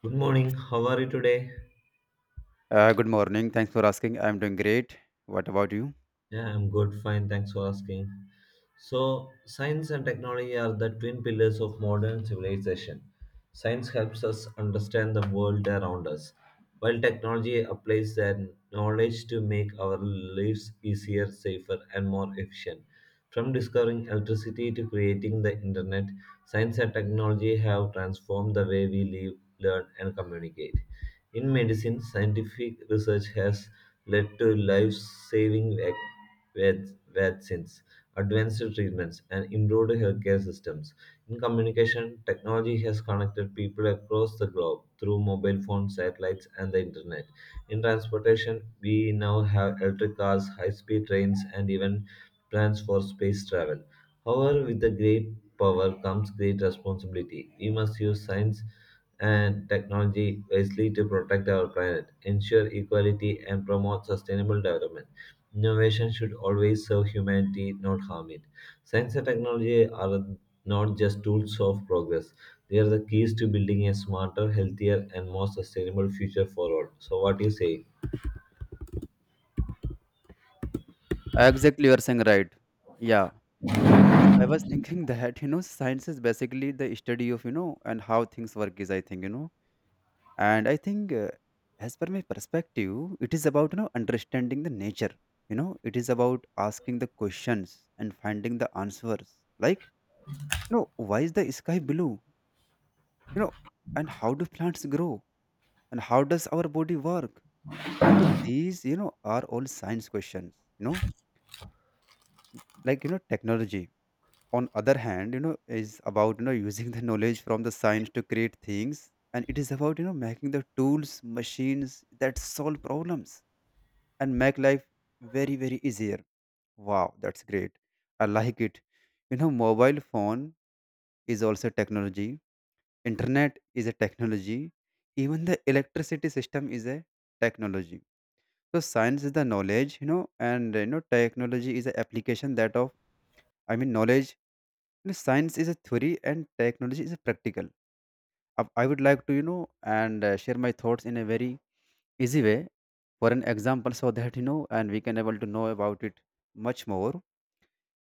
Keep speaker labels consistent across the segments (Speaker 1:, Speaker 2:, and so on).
Speaker 1: Good morning. How are you today?
Speaker 2: Good morning. Thanks for asking. I'm doing great. What about you?
Speaker 1: Yeah, I'm good. Fine. Thanks for asking. So, science and technology are the twin pillars of modern civilization. Science helps us understand the world around us, while technology applies their knowledge to make our lives easier, safer, and more efficient. From discovering electricity to creating the internet, science and technology have transformed the way we live, learn, and communicate. In medicine, scientific research has led to life-saving vaccines, advanced treatments, and improved healthcare systems. In communication, technology has connected people across the globe through mobile phones, satellites, and the internet. In transportation, we now have electric cars, high-speed trains, and even plans for space travel. However, with the great power comes great responsibility. We must use science and technology wisely to protect our planet, ensure equality, and promote sustainable development. Innovation should always serve humanity, not harm it. Science and technology are not just tools of progress, they are the keys to building a smarter, healthier, and more sustainable future for all. So, what do you say?
Speaker 2: Exactly, you are saying right. Yeah, because I was thinking that science is basically the study of and how things work is. I think you know, and I think as per my perspective, it is about understanding the nature. It is about asking the questions and finding the answers. Like why is the sky blue? You know, and How do plants grow? And how does our body work? So these are all science questions. Like technology, on other hand, is about using the knowledge from the science to create things, and it is about making the tools machines that solve problems and make life very very easier. Wow, that's great. I like it. You know, mobile phone is also technology. Internet is a technology. Even the electricity system is a technology. So science is the knowledge, and technology is the application that of, knowledge. You know, science is a theory and technology is a practical. I would like to, you know, and share my thoughts in a very easy way, for an example, so that, you know, and we can able to know about it much more.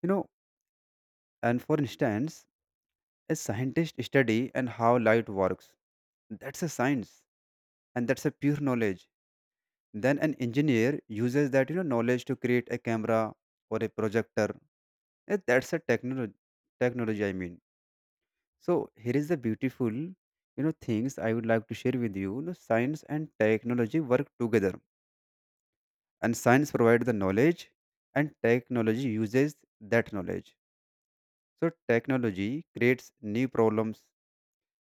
Speaker 2: You know, and For instance, a scientist study and how light works. That's a science, and that's a pure knowledge. Then an engineer uses that, knowledge to create a camera or a projector. That's a technology, I mean. So here is the beautiful, things I would like to share with you. You know, science and technology work together, and science provides the knowledge, and technology uses that knowledge. So technology creates new problems,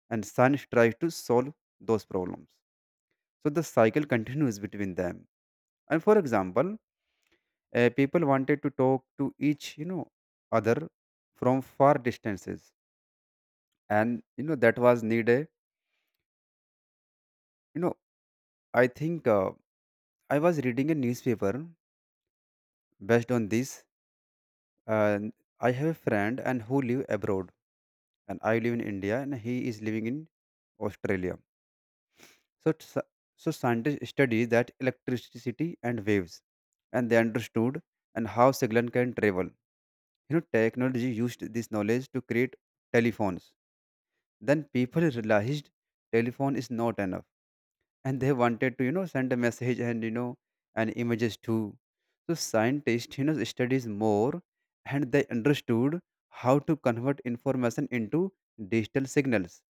Speaker 2: and science tries to solve those problems. So the cycle continues between them. And for example, people wanted to talk to each, other from far distances, and that was needed. You know, I think. I was reading a newspaper based on this. And I have a friend and who live abroad, and I live in India, and he is living in Australia. So, t- so scientists study that electricity and waves, and they understood and how signal can travel. Technology used this knowledge to create telephones. Then people realized telephone is not enough, and they wanted to send a message, and and images too. So scientists studies more, and they understood how to convert information into digital signals.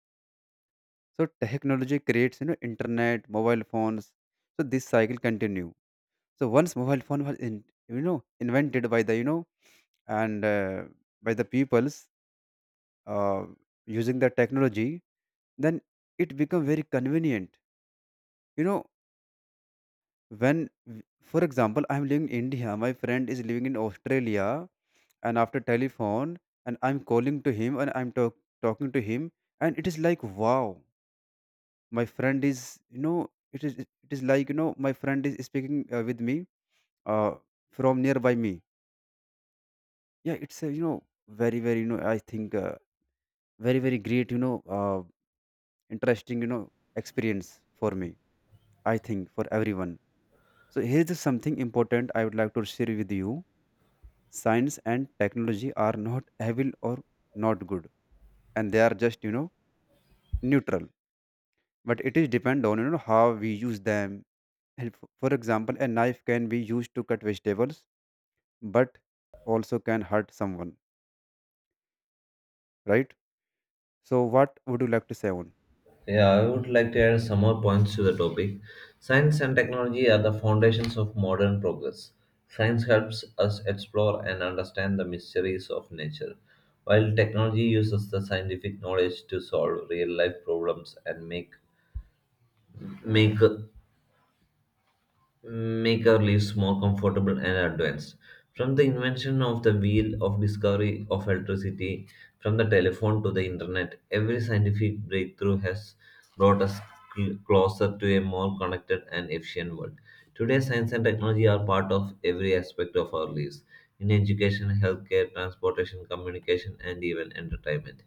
Speaker 2: So technology creates, internet mobile phones. So this cycle continue. So once mobile phone was in, invented by the you know and by the peoples, uh, using the technology, then it become very convenient. you know when, for example, I'm living in India, my friend is living in Australia, and after telephone, and I'm calling to him, and talking to him, and it is like, wow, my friend is it is like my friend is speaking with me, uh, from nearby me. Yeah, it's a, very very, you know I think very very great, interesting, experience for me. I think for everyone. So here's something important I would like to share with you. Science and technology are not evil or not good, and they are just, neutral. But it is depend on how we use them. And for example, a knife can be used to cut vegetables, but also can hurt someone, right? So what would you like to say on?
Speaker 1: Yeah, I would like to add some more points to the topic. Science and technology are the foundations of modern progress. Science helps us explore and understand the mysteries of nature, while technology uses the scientific knowledge to solve real life problems and make make our lives more comfortable and advanced. From the invention of the wheel of discovery of electricity, from the telephone to the internet, every scientific breakthrough has brought us closer to a more connected and efficient world. Today, science and technology are part of every aspect of our lives in education, healthcare, transportation, communication, and even entertainment.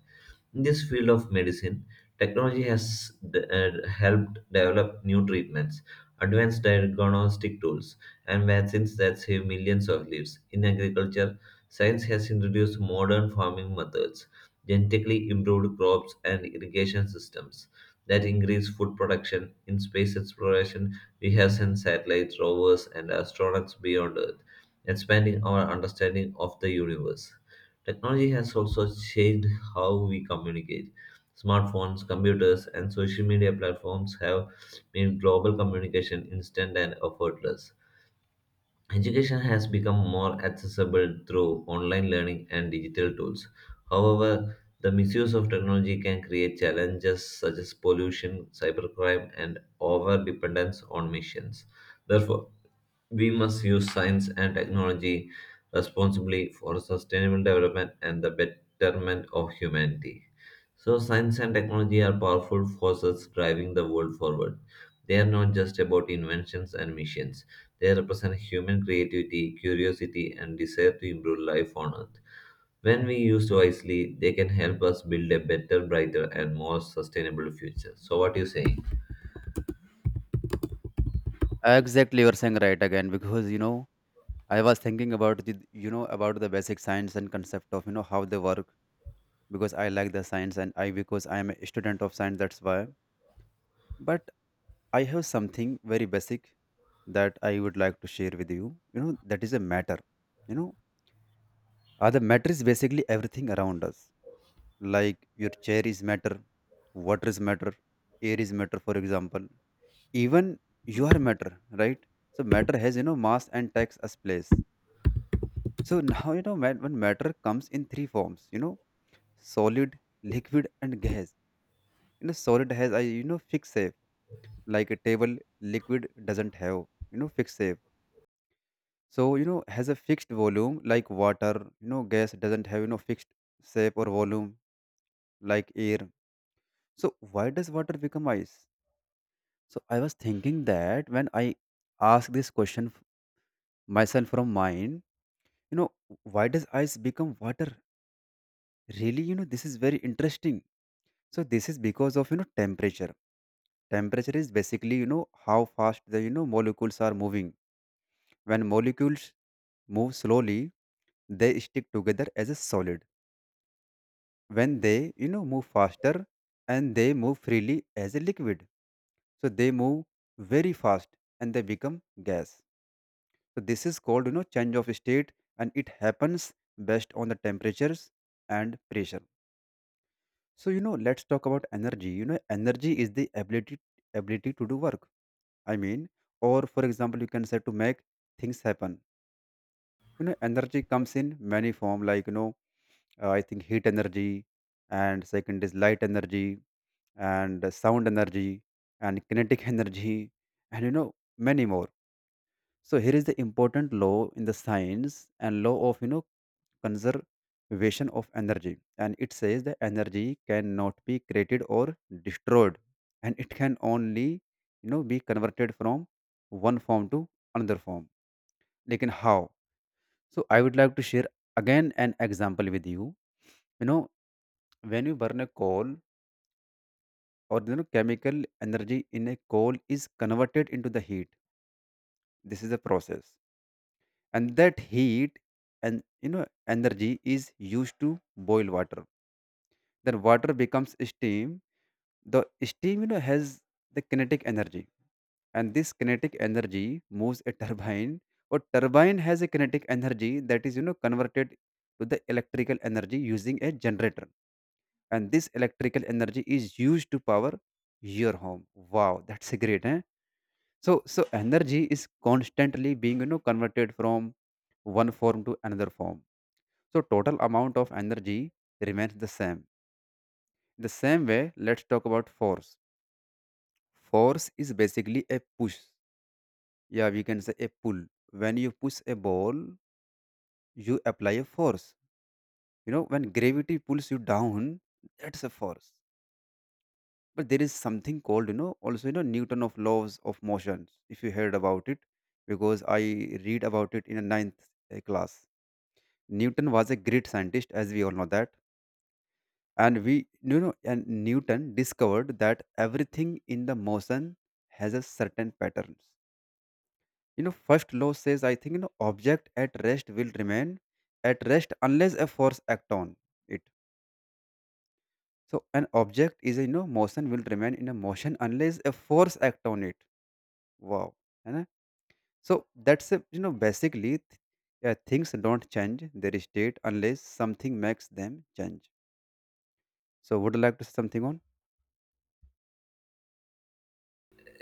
Speaker 1: In this field of medicine, technology has helped develop new treatments advanced diagnostic tools, and vaccines that save millions of lives. In agriculture, science has introduced modern farming methods, genetically improved crops, and irrigation systems that increase food production. In space exploration, we have sent satellites, rovers, and astronauts beyond Earth, expanding our understanding of the universe. Technology has also changed how we communicate. Smartphones, computers, and social media platforms have made global communication instant and effortless. Education has become more accessible through online learning and digital tools. However, the misuse of technology can create challenges such as pollution, cybercrime, and over dependence on machines. Therefore, we must use science and technology responsibly for sustainable development and the betterment of humanity. So, science and technology are powerful forces driving the world forward. They are not just about inventions and missions, they represent human creativity, curiosity, and desire to improve life on earth. When we used wisely, they can help us build a better, brighter, and more sustainable future. So, what do you say?
Speaker 2: Exactly, you're saying right again, because I was thinking about the, about the basic science and concept of, how they work, because I like the science, and I because I am a student of science, that's why. But I have something very basic that I would like to share with you. You know, that is a matter. You know, the matter is basically everything around us. Like your chair is matter, water is matter, air is matter, for example. Even you are matter, right? So matter has, mass and takes us place. So now, you know, mat- when matter comes in three forms, solid, liquid, and gas. Solid has, fixed shape. Like a table, liquid doesn't have, fixed shape. So, has a fixed volume like water. Gas doesn't have, fixed shape or volume, like air. So, why does water become ice? So, I was thinking that when I ask this question f- myself from mind, you know, why does ice become water? Really, this is very interesting. So, this is because of, temperature. Temperature is basically, how fast the, molecules are moving. When molecules move slowly, they stick together as a solid. When they, move faster, and they move freely as a liquid. So they move very fast, and they become gas. So this is called, change of state, and it happens based on the temperatures and pressure. So, let's talk about energy. Energy is the ability to do work, i mean or for example, you can say, to make things happen. You know, energy comes in many form, like, I think, heat energy, and second is light energy, and sound energy, and kinetic energy, and, many more. So here is the important law in the science, and law of, conservation of energy, and it says the energy cannot be created or destroyed, and it can only, be converted from one form to another form. Like how? So I would like to share again an example with you. You know when you burn a coal, or chemical energy in a coal is converted into the heat. This is the process, and that heat, and energy is used to boil water. Then water becomes steam. The steam, has the kinetic energy, and this kinetic energy moves a turbine, or turbine has a kinetic energy that is, converted to the electrical energy using a generator, and this electrical energy is used to power your home. Wow, that's a great, eh? So energy is constantly being, converted from one form to another form. So total amount of energy remains the same. The same way, let's talk about force. Force is basically a push. Yeah, we can say a pull. When you push a ball, you apply a force. You know, when gravity pulls you down, that's a force. But there is something called, also, Newton of laws of motions. If you heard about it, because I read about it in a ninth, class. Newton was a great scientist, as we all know that. And we, you know, and Newton discovered that everything in the motion has a certain patterns. You know, first law says, I think, you know, object at rest will remain at rest unless a force act on it. So an object is, a, motion will remain in a motion unless a force act on it. Wow. है ना? So that's, a, yeah, things don't change their state unless something makes them change. So would you like to say something on?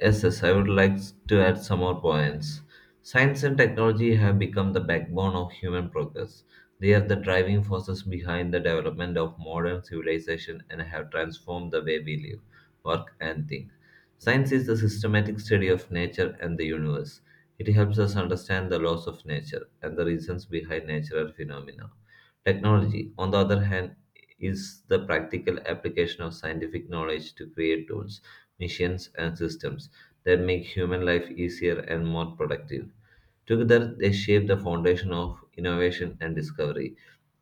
Speaker 1: Yes, I would like to add some more points. Science and technology have become the backbone of human progress. They are the driving forces behind the development of modern civilization and have transformed the way we live, work, and think. Science is the systematic study of nature and the universe. It helps us understand the laws of nature and the reasons behind natural phenomena. Technology, on the other hand, is the practical application of scientific knowledge to create tools, machines, and systems that make human life easier and more productive. Together, they shape the foundation of innovation and discovery.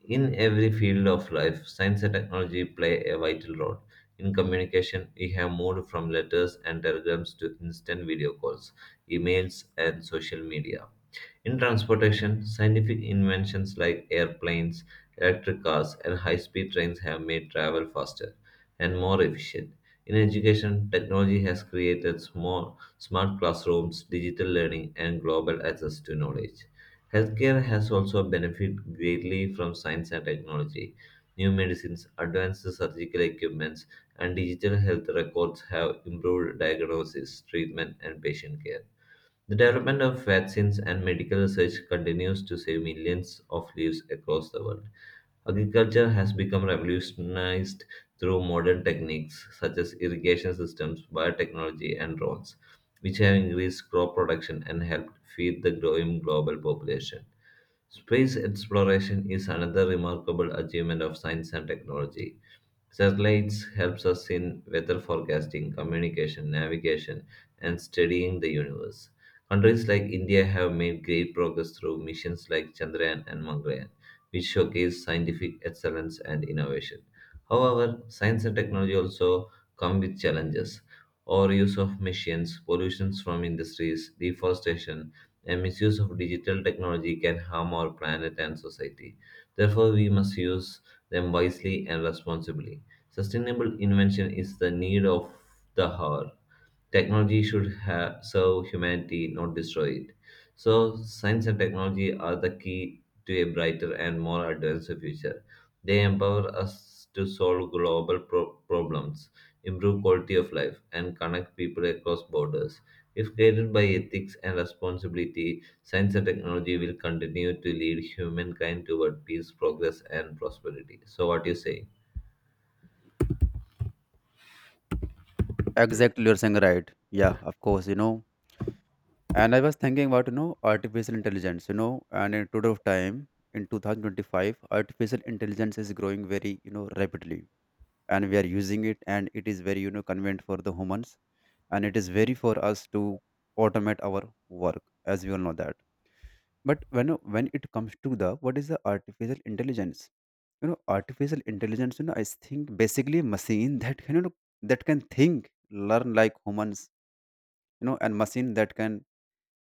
Speaker 1: In every field of life, science and technology play a vital role. In communication, we have moved from letters and telegrams to instant video calls, emails, and social media. In transportation, scientific inventions like airplanes, electric cars, and high speed trains have made travel faster and more efficient. In education, technology has created small, smart classrooms, digital learning, and global access to knowledge. Healthcare has also benefited greatly from science and technology. New medicines, advanced surgical equipments, and digital health records have improved diagnosis, treatment, and patient care. The development of vaccines and medical research continues to save millions of lives across the world. Agriculture has become revolutionized through modern techniques such as irrigation systems, biotechnology, and drones, which have increased crop production and helped feed the growing global population. Space exploration is another remarkable achievement of science and technology. Satellites helps us in weather forecasting, communication, navigation, and studying the universe. Countries like India have made great progress through missions like Chandrayaan and Mangalyaan, which showcase scientific excellence and innovation. However, science and technology also come with challenges. Overuse of machines, pollution from industries, deforestation, and misuse of digital technology can harm our planet and society. Therefore, we must use them wisely and responsibly. Sustainable invention is the need of the hour. Technology should serve humanity, not destroy it. So, science and technology are the key to a brighter and more advanced future. They empower us to solve global problems, improve quality of life, and connect people across borders. If guided by ethics and responsibility, science and technology will continue to lead humankind toward peace, progress, and prosperity. So, what do you say?
Speaker 2: Exactly, you're saying right. Yeah, of course, you know. And I was thinking about, artificial intelligence, you know, and in today of time, in 2025, artificial intelligence is growing very, rapidly. And we are using it, and it is very, convenient for the humans. And it is very for us to automate our work, as we all know that. But when it comes to the what is the artificial intelligence? Artificial intelligence, I think basically machine that can think, learn like humans and machine that can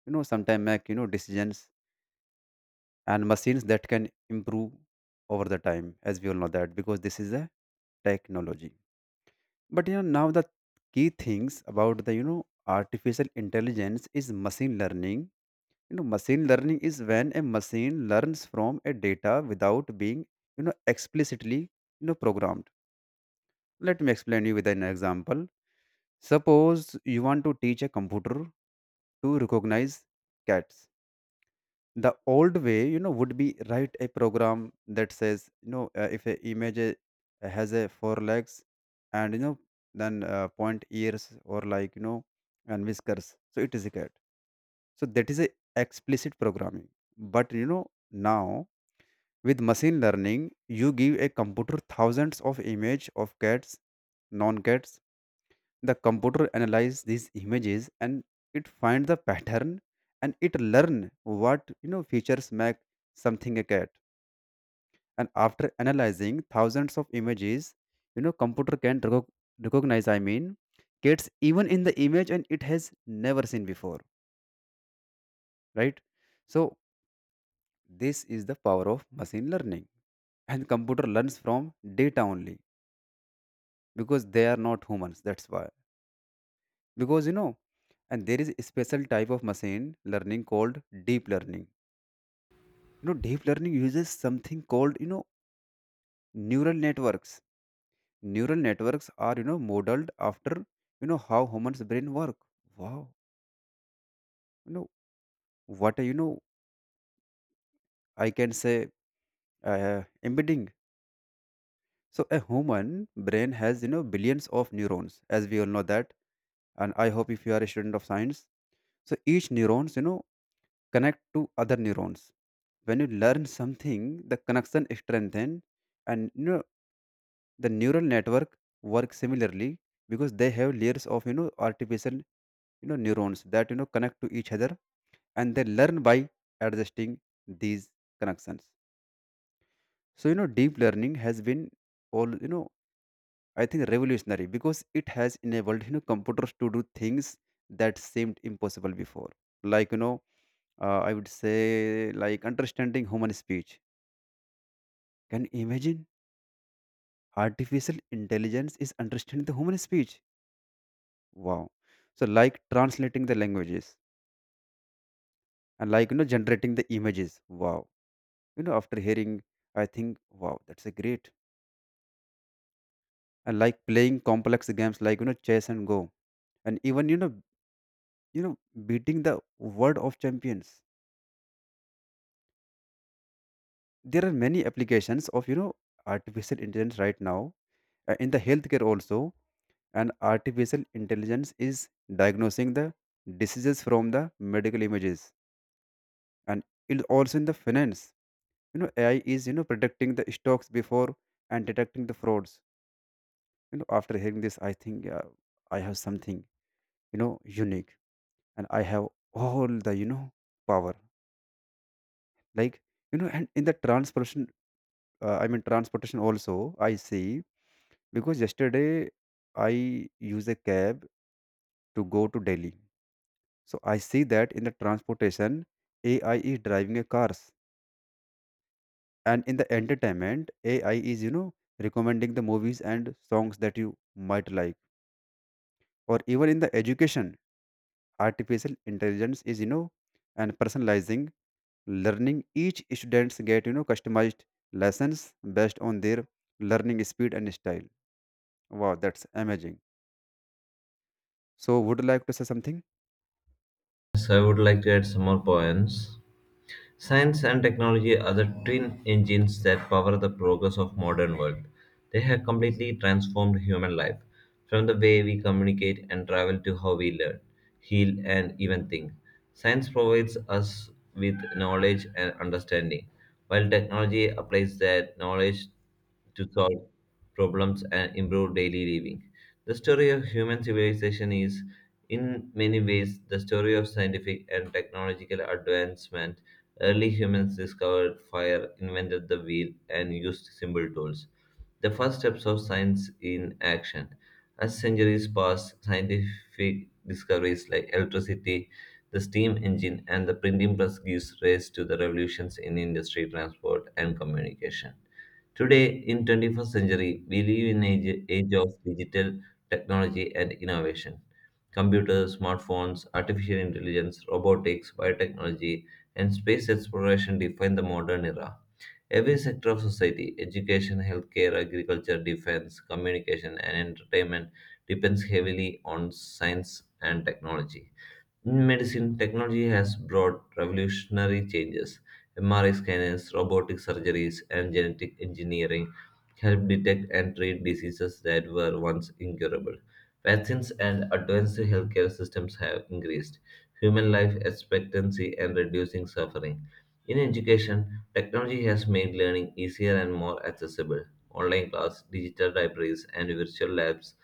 Speaker 2: sometime make decisions, and machines that can improve over the time, as we all know that, because this is a technology. But now the key things about the artificial intelligence is machine learning. Machine learning is when a machine learns from a data without being explicitly programmed. Let me explain you with an example. Suppose you want to teach a computer to recognize cats. The old way would be write a program that says, if a image has a four legs, and then point ears, or like and whiskers, so it is a cat. So that is a explicit programming. But now with machine learning, you give a computer thousands of image of cats, non cats. The computer analyzes these images and it finds the pattern, and it learn what features make something a cat. And after analyzing thousands of images, computer can recognize, I mean, cats even in the image, and it has never seen before, right? So this is the power of machine learning, and computer learns from data only because they are not humans, that's why. Because and there is a special type of machine learning called deep learning. Deep learning uses something called neural networks. Neural networks are modeled after how humans brain work. Wow, know what a, I can say, uh, embedding. So a human brain has billions of neurons, as we all know that. And I hope if you are a student of science. So each neurons connect to other neurons. When you learn something, the connection strengthen. And the neural network works similarly, because they have layers of artificial neurons that connect to each other, and they learn by adjusting these connections. So deep learning has been all I think revolutionary, because it has enabled computers to do things that seemed impossible before. Like I would say, like understanding human speech. Can you imagine? Artificial intelligence is understanding the human speech. Wow. So like translating the languages, and like generating the images. Wow. After hearing, I think, wow, that's a great. And like playing complex games like chess and go, and even you know beating the world of champions. There are many applications of artificial intelligence right now, in the healthcare also. And artificial intelligence is diagnosing the diseases from the medical images. And it also in the finance, AI is predicting the stocks before, and detecting the frauds. After hearing this, I think, I have something, you know unique, and I have all the power, like, and in the transportation, I mean transportation also, I see. Because yesterday I use a cab to go to Delhi. So I see that in the transportation, AI is driving a cars. And in the entertainment, AI is recommending the movies and songs that you might like. Or even in the education, artificial intelligence is and personalizing learning. Each students get customized lessons based on their learning speed and style. Wow, that's amazing. So would you like to say something?
Speaker 1: So, I would like to add some more points. Science and technology are the twin engines that power the progress of modern world. They have completely transformed human life, from the way we communicate and travel to how we learn, heal, and even think. Science provides us with knowledge and understanding, while technology applies that knowledge to solve problems and improve daily living. The story of human civilization is, in many ways, the story of scientific and technological advancement. Early humans discovered fire, invented the wheel, and used simple tools. The first steps of science in action. As centuries pass, scientific discoveries like electricity, the steam engine, and the printing press gives rise to the revolutions in industry, transport, and communication. Today, in 21st century, we live in age of digital technology and innovation. Computers, smartphones, artificial intelligence, robotics, biotechnology, and space exploration define the modern era. Every sector of society, education, healthcare, agriculture, defense, communication, and entertainment, depends heavily on science and technology. In medicine, technology has brought revolutionary changes. MRI scanners, robotic surgeries, and genetic engineering help detect and treat diseases that were once incurable. Vaccines and advanced healthcare systems have increased human life expectancy and reducing suffering. In education, technology has made learning easier and more accessible. Online class, digital libraries, and virtual labs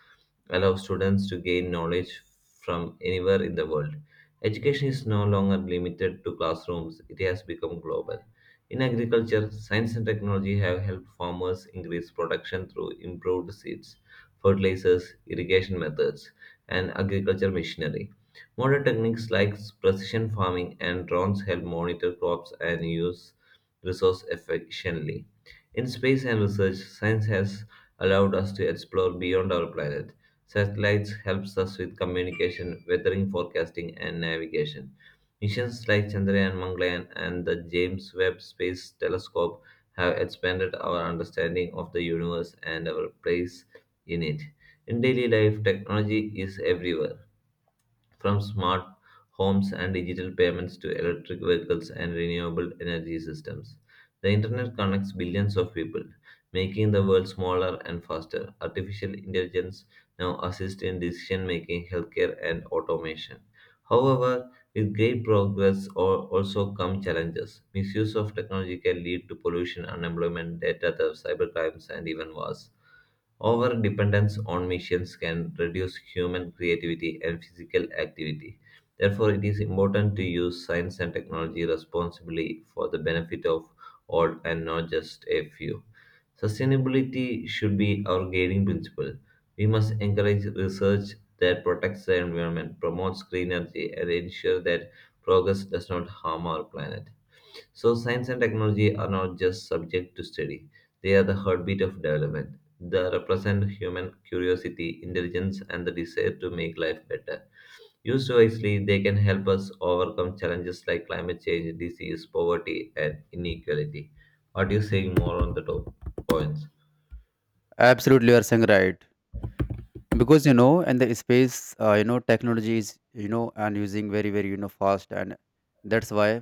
Speaker 1: allow students to gain knowledge from anywhere in the world. Education is no longer limited to classrooms, it has become global. In agriculture, science and technology have helped farmers increase production through improved seeds, fertilizers, irrigation methods, and agriculture machinery. Modern techniques like precision farming and drones help monitor crops and use resources efficiently. In space and research, science has allowed us to explore beyond our planet. Satellites helps us with communication, weathering forecasting, and navigation. Missions like Chandrayaan, Mangalyaan, and the James Webb Space Telescope have expanded our understanding of the universe and our place in it. In daily life, technology is everywhere from smart homes and digital payments to electric vehicles and renewable energy systems, the internet connects billions of people, making the world smaller and faster. Artificial intelligence now assists in decision making, healthcare, and automation. However, with great progress also come challenges. Misuse of technology can lead to pollution, unemployment, data theft, cybercrimes, and even wars. Over dependence on machines can reduce human creativity and physical activity. Therefore, it is important to use science and technology responsibly for the benefit of all and not just a few. Sustainability should be our guiding principle. We must encourage research that protects the environment, promotes green energy, and ensure that progress does not harm our planet. So, science and technology are not just subject to study, they are the heartbeat of development. They represent human curiosity, intelligence, and the desire to make life better. Used wisely, they can help us overcome challenges like climate change, disease, poverty, and inequality. What do you say more on the top points?
Speaker 2: Absolutely, you are saying right. Because and the space, technology is, and using very very fast, and that's why.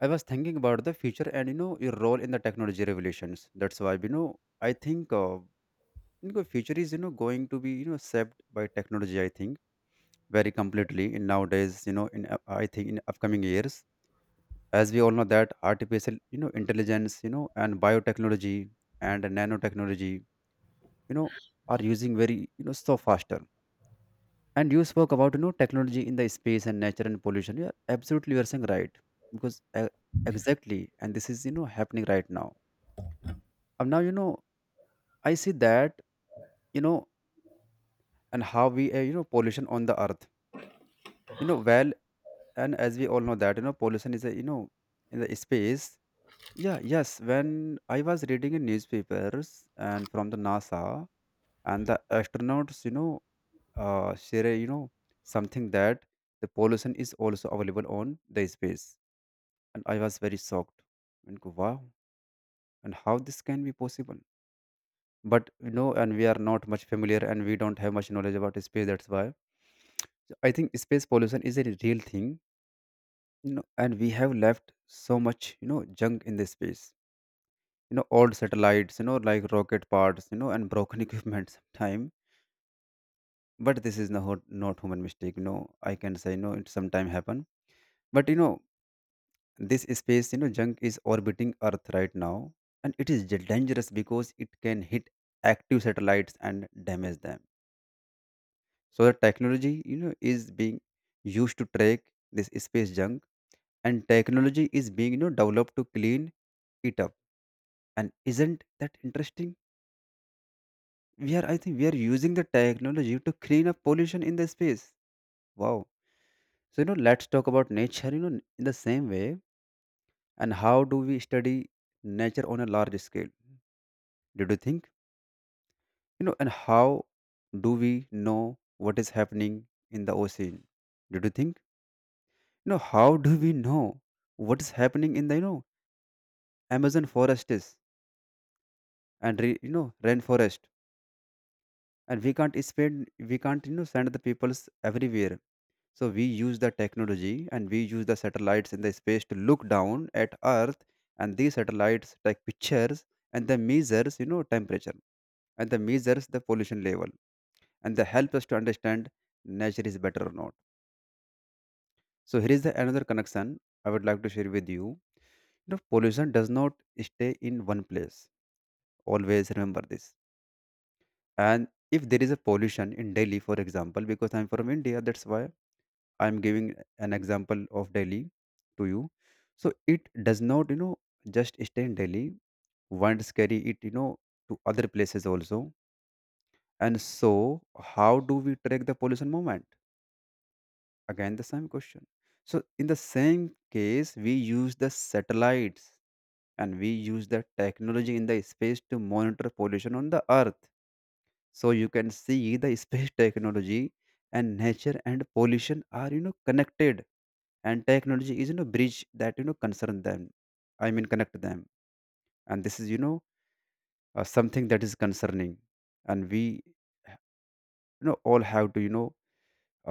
Speaker 2: I was thinking about the future and your role in the technology revolutions. That's why I think, future is going to be shaped by technology. I think very completely in nowadays. I think in upcoming years, as we all know that artificial intelligence, and biotechnology and nanotechnology, you know, are using very so faster. And you spoke about technology in the space and nature and pollution. Yeah, absolutely, you are saying right. Because exactly, and this is happening right now. And now I see that you know and how we pollution on the Earth. Well, and as we all know that pollution is a, in the space. Yeah, yes, when I was reading in newspapers and from the NASA and the astronauts, share a, something, that the pollution is also available on the space. And I was very shocked and go, wow, and how this can be possible. But and we are not much familiar and we don't have much knowledge about space, that's why. So I think space pollution is a real thing, and we have left so much, junk in the space. Old satellites, like rocket parts, and broken equipment sometime. But this is not human mistake. I can say no, it sometime happen. But this space, junk is orbiting Earth right now, and it is dangerous because it can hit active satellites and damage them. So the technology, is being used to track this space junk, and technology is being developed to clean it up. And isn't that interesting? We are I think we are using the technology to clean up pollution in the space. Wow. So let's talk about nature in the same way. And how do we study nature on a large scale? Did you think and how do we know what is happening in the ocean? Did you think how do we know what is happening in the Amazon forests and re, you know rainforest? And we can't send the peoples everywhere. So we use the technology, and we use the satellites in the space to look down at Earth. And these satellites take pictures, and they measures temperature, and they measures the pollution level, and they help us to understand nature is better or not. So here is the another connection I would like to share with you. You know pollution does not stay in one place, always remember this. And if there is a pollution in Delhi, for example, because I'm from India, that's why I'm giving an example of Delhi to you. So it does not just stay in Delhi, wants carry it to other places also. And so how do we track the pollution movement? Again, the same question. So in the same case, we use the satellites, and we use the technology in the space to monitor pollution on the Earth. So you can see the space technology and nature and pollution are connected, and technology is bridge that concern them. I mean connect them. And this is something that is concerning, and we all have to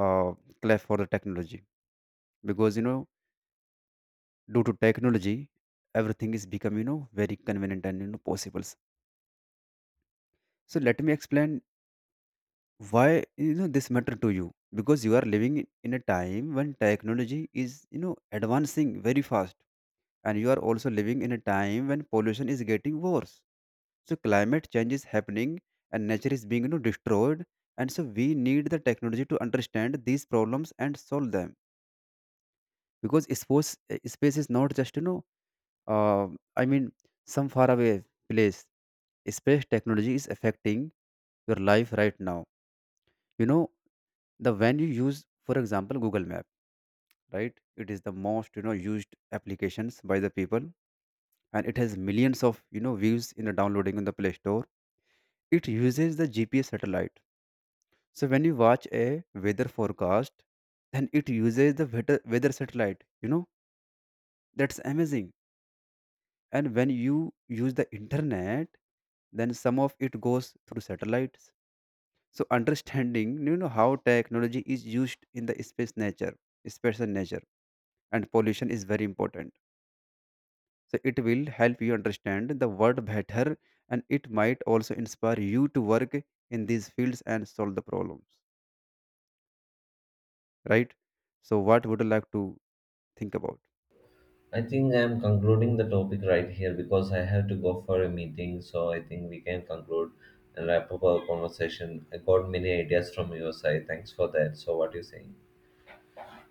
Speaker 2: uh, clap for the technology. Because due to technology, everything is become very convenient and possible. So let me explain why this matter to you. Because you are living in a time when technology is advancing very fast, and you are also living in a time when pollution is getting worse. So climate change is happening, and nature is being destroyed. And so we need the technology to understand these problems and solve them. Because space is not just uh, I mean some far away place. Space technology is affecting your life right now. You know the when you use, for example, Google Map, right? It is the most used applications by the people, and it has millions of views in the downloading in the Play Store. It uses the GPS satellite. So when you watch a weather forecast, then it uses the weather satellite, that's amazing. And when you use the internet, then some of it goes through satellites. So understanding how technology is used in the space and nature and pollution is very important. So it will help you understand the world better, and it might also inspire you to work in these fields and solve the problems, right? So what would you like to think about?
Speaker 1: I think I am concluding the topic right here because I have to go for a meeting. So I think we can conclude and wrap up our conversation. I got many ideas from your side. Thanks for that. So what are you saying?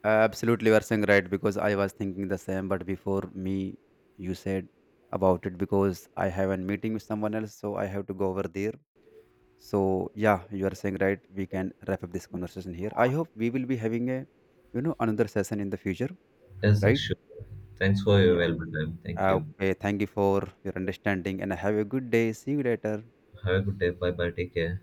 Speaker 2: Absolutely, you are saying right, because I was thinking the same, but before me you said about it. Because I have a meeting with someone else, so I have to go over there. So, yeah, you are saying right, we can wrap up this conversation here. I hope we will be having a another session in the future,
Speaker 1: Yes,
Speaker 2: right?
Speaker 1: sure. Thanks for your valuable time. Thank you.
Speaker 2: Okay, thank you for your understanding and have a good day. See you later.
Speaker 1: Have a good day. Bye bye. Take care.